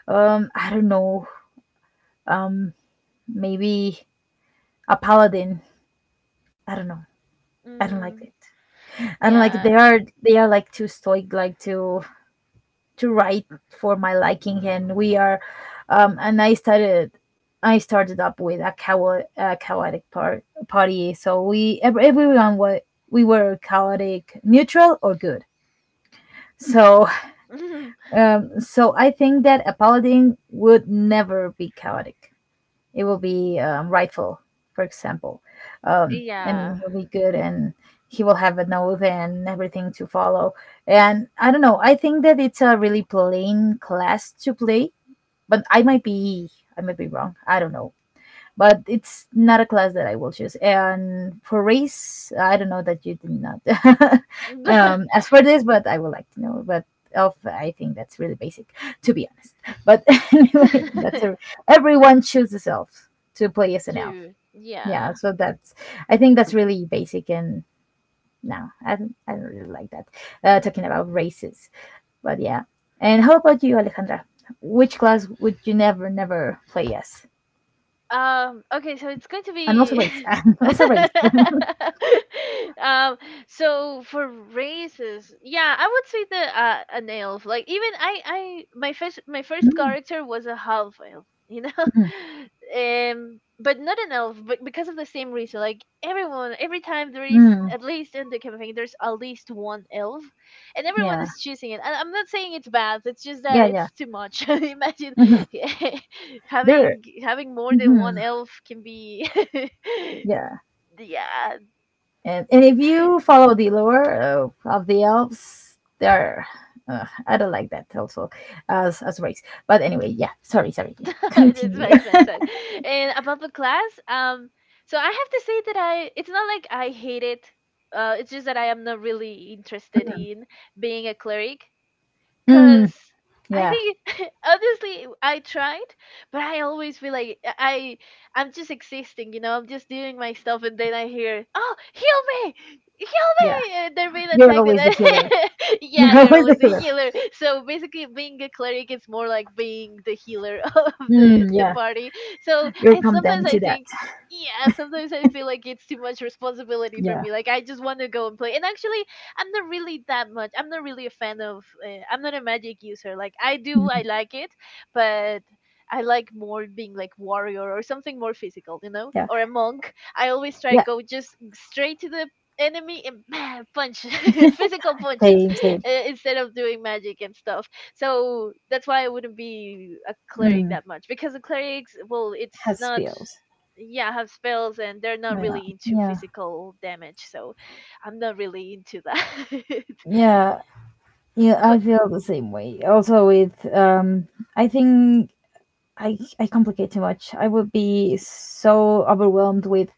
B: I don't know, um, maybe a paladin. I don't know. I don't like
A: Mm,
B: it. I don't like it. they
A: yeah.
B: are they are like too stoic, like too right for my liking. And we are, and I started. I started up with a chaotic party, so everyone was, we were chaotic, neutral, or good. So [laughs]
A: [laughs]
B: So I think that a paladin would never be chaotic. It will be rightful, for example, and
A: Yeah.
B: he'll be good, and he will have an oath and everything to follow. And I don't know. I think that it's a really plain class to play, but I might be, I might be wrong. I don't know. But it's not a class that I will choose. And for race, I don't know that you did not [laughs]
A: [laughs]
B: ask for this, but I would like to know. But of, I think that's really basic, to be honest. But [laughs] anyway, that's a, everyone chooses elf, to play as an elf.
A: Dude. Yeah.
B: Yeah, so that's, I think that's really basic, and no, I don't really like that. Talking
A: Mm.
B: about races, but yeah. And how about you, Alejandra? Which class would you never, never play as?
A: Okay, so it's going to
B: And also
A: be
B: race. [laughs] And also
A: [laughs]
B: race.
A: um, so for races, yeah, I would say the an elf. Like even I my first
B: [laughs]
A: character was a half elf, you know? [laughs]
B: Mm,
A: Um, but not an elf, but because of the same reason. Like everyone, every time there is,
B: mm,
A: at least in the campaign there's at least one elf, and everyone
B: yeah,
A: is choosing it. And I'm not saying it's bad. It's just that
B: yeah, yeah.
A: it's too much. [laughs] Imagine
B: Hmm.
A: [laughs]
B: There,
A: having more than one
B: hmm,
A: elf can be.
B: yeah,
A: [laughs] Yeah,
B: and
A: d-
B: if you follow the lore of the elves, they're, I don't like that also as a race. But anyway, yeah. Sorry, sorry.
A: [laughs] it's fine.
B: Continue.
A: It's fine. And about the class, so I have to say that I, it's not like I hate it. It's just that I am not really interested in being a cleric.
B: [laughs]
A: Cause
B: Mm,
A: I
B: yeah,
A: think [laughs] honestly I tried, but I always feel like I'm just existing, you know. I'm just doing my stuff, and then I hear, "Oh, heal me, heal
B: yeah.
A: me!" And they're being
B: You're
A: attacked, and
B: always the healer.
A: I, [laughs] yeah,
B: You're [laughs]
A: you're
B: always the
A: always a
B: healer.
A: healer. So basically, being a cleric is more like being the healer [laughs] of the
B: Mm,
A: the
B: yeah,
A: party. So
B: you're
A: and sometimes
B: condemned
A: I
B: to that.
A: think. Yeah, sometimes I feel like it's too much responsibility for
B: Yeah,
A: me. Like I just want to go and play. And actually, I'm not really that much. I'm not really a fan of. I'm not a magic user. Like I do, I
B: mm,
A: like it, but I like more being like warrior or something more physical, you know,
B: yeah,
A: or a monk. I always try
B: yeah.
A: go just straight to the enemy and [laughs] punch [laughs] physical punches,
B: Same, same.
A: instead of doing magic and stuff. So that's why I wouldn't be a cleric
B: Mm,
A: that much, because the clerics, well, it's
B: has
A: not,
B: feels.
A: yeah, have spells, and they're not
B: Yeah,
A: really into
B: yeah,
A: physical damage, so I'm not really into that.
B: yeah. Yeah, I
A: [laughs] But
B: feel the same way. Also, with, I think I complicate too much. I would be so overwhelmed with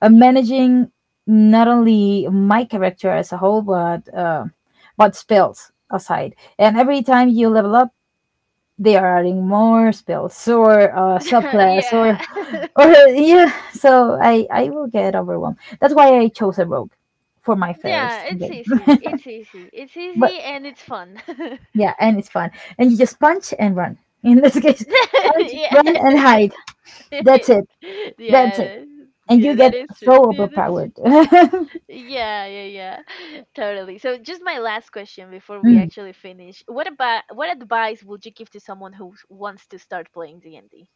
B: managing not only my character as a whole, but spells aside. And every time you level up, they are adding more spells or
A: [laughs]
B: subclass
A: yeah. [laughs]
B: or [laughs] yeah. So I will get overwhelmed. That's why I chose a rogue for my
A: Yeah,
B: first
A: it's
B: campaign. [laughs]
A: easy. It's easy. It's
B: But,
A: easy and it's fun. [laughs]
B: yeah, and it's fun. And you just punch and run. [laughs] In this case, punch,
A: Yeah.
B: run, and hide. That's
A: [laughs]
B: it. That's it.
A: Yeah.
B: And
A: Yeah,
B: you
A: that
B: get
A: is true.
B: so
A: Yeah, that's true.
B: overpowered. [laughs]
A: Yeah. [laughs] Totally. So just my last question before we
B: Mm,
A: actually finish. What about, what advice would you give to someone who wants to start playing D&D?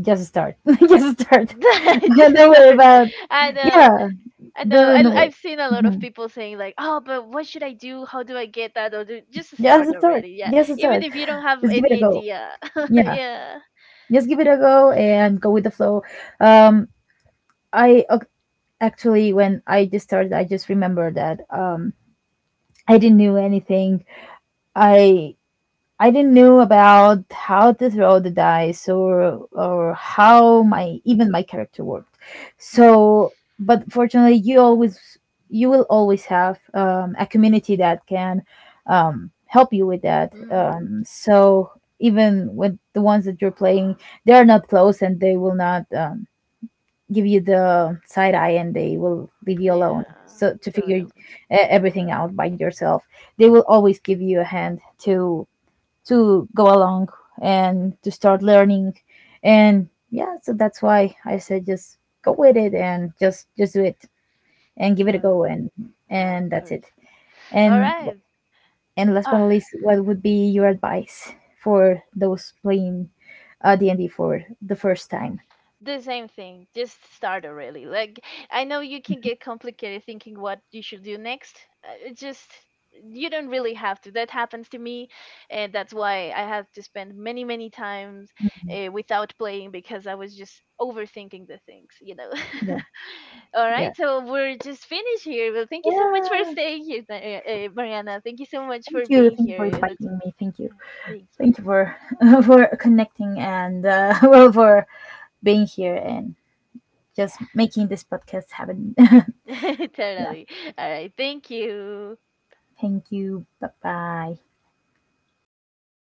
B: just start. [laughs] Just start. [laughs]
A: [laughs] Just
B: Don't
A: to
B: worry
A: start.
B: about.
A: I know.
B: Yeah,
A: I know.
B: don't
A: I,
B: do worry.
A: I've seen a lot of
B: Mhm.
A: people saying like, "Oh, but what should I do? How do I get that?" Or do, just start
B: Just start.
A: already. Yeah,
B: Just
A: even
B: start.
A: if you don't have
B: Just give it
A: any
B: a go.
A: idea. [laughs]
B: Yeah,
A: Yeah.
B: just give it a go and go with the flow. Um, I ac- Actually, when I just started, I just remember that I didn't know anything. I I didn't know about how to throw the dice or how my,
A: Mm.
B: even my character worked. So, but fortunately, you always, you will always have a community that can help you with that.
A: Mhm.
B: So even with the ones that you're playing, they are not close, and they will not give you the side eye, and they will leave you alone.
A: Yeah.
B: So to figure
A: Totally.
B: everything out by yourself, they will always give you a hand to to go along, and to start learning. And yeah, so that's why I said just go with it, and just do it, and give it a go.
A: Totally.
B: and
A: No,
B: and
A: of
B: that's it.
A: course. All
B: and
A: right.
B: and last but
A: Uh,
B: not least, what would be your advice for those playing D&D for the first time?
A: the same thing, just start already. Like I know you can get complicated thinking what you should do next. It just, you don't really have to. That happens to me, and that's why I have to spend many many times without playing, because I was just overthinking the things, you know.
B: Yeah,
A: [laughs] All
B: yeah,
A: right, so we're just finished here. Well, thank you so much for
B: yeah,
A: staying here, Mariana, thank you so much for
B: thank you,
A: being
B: thank you for
A: here. Let's,
B: inviting me, thank you.
A: thanks,
B: Thank you for [laughs] for connecting, and [laughs] well, for being here, and just
A: [laughs]
B: making this podcast happen. [laughs]
A: yeah,
B: Yeah.
A: totally, all right, thank you.
B: Thank you. Bye bye.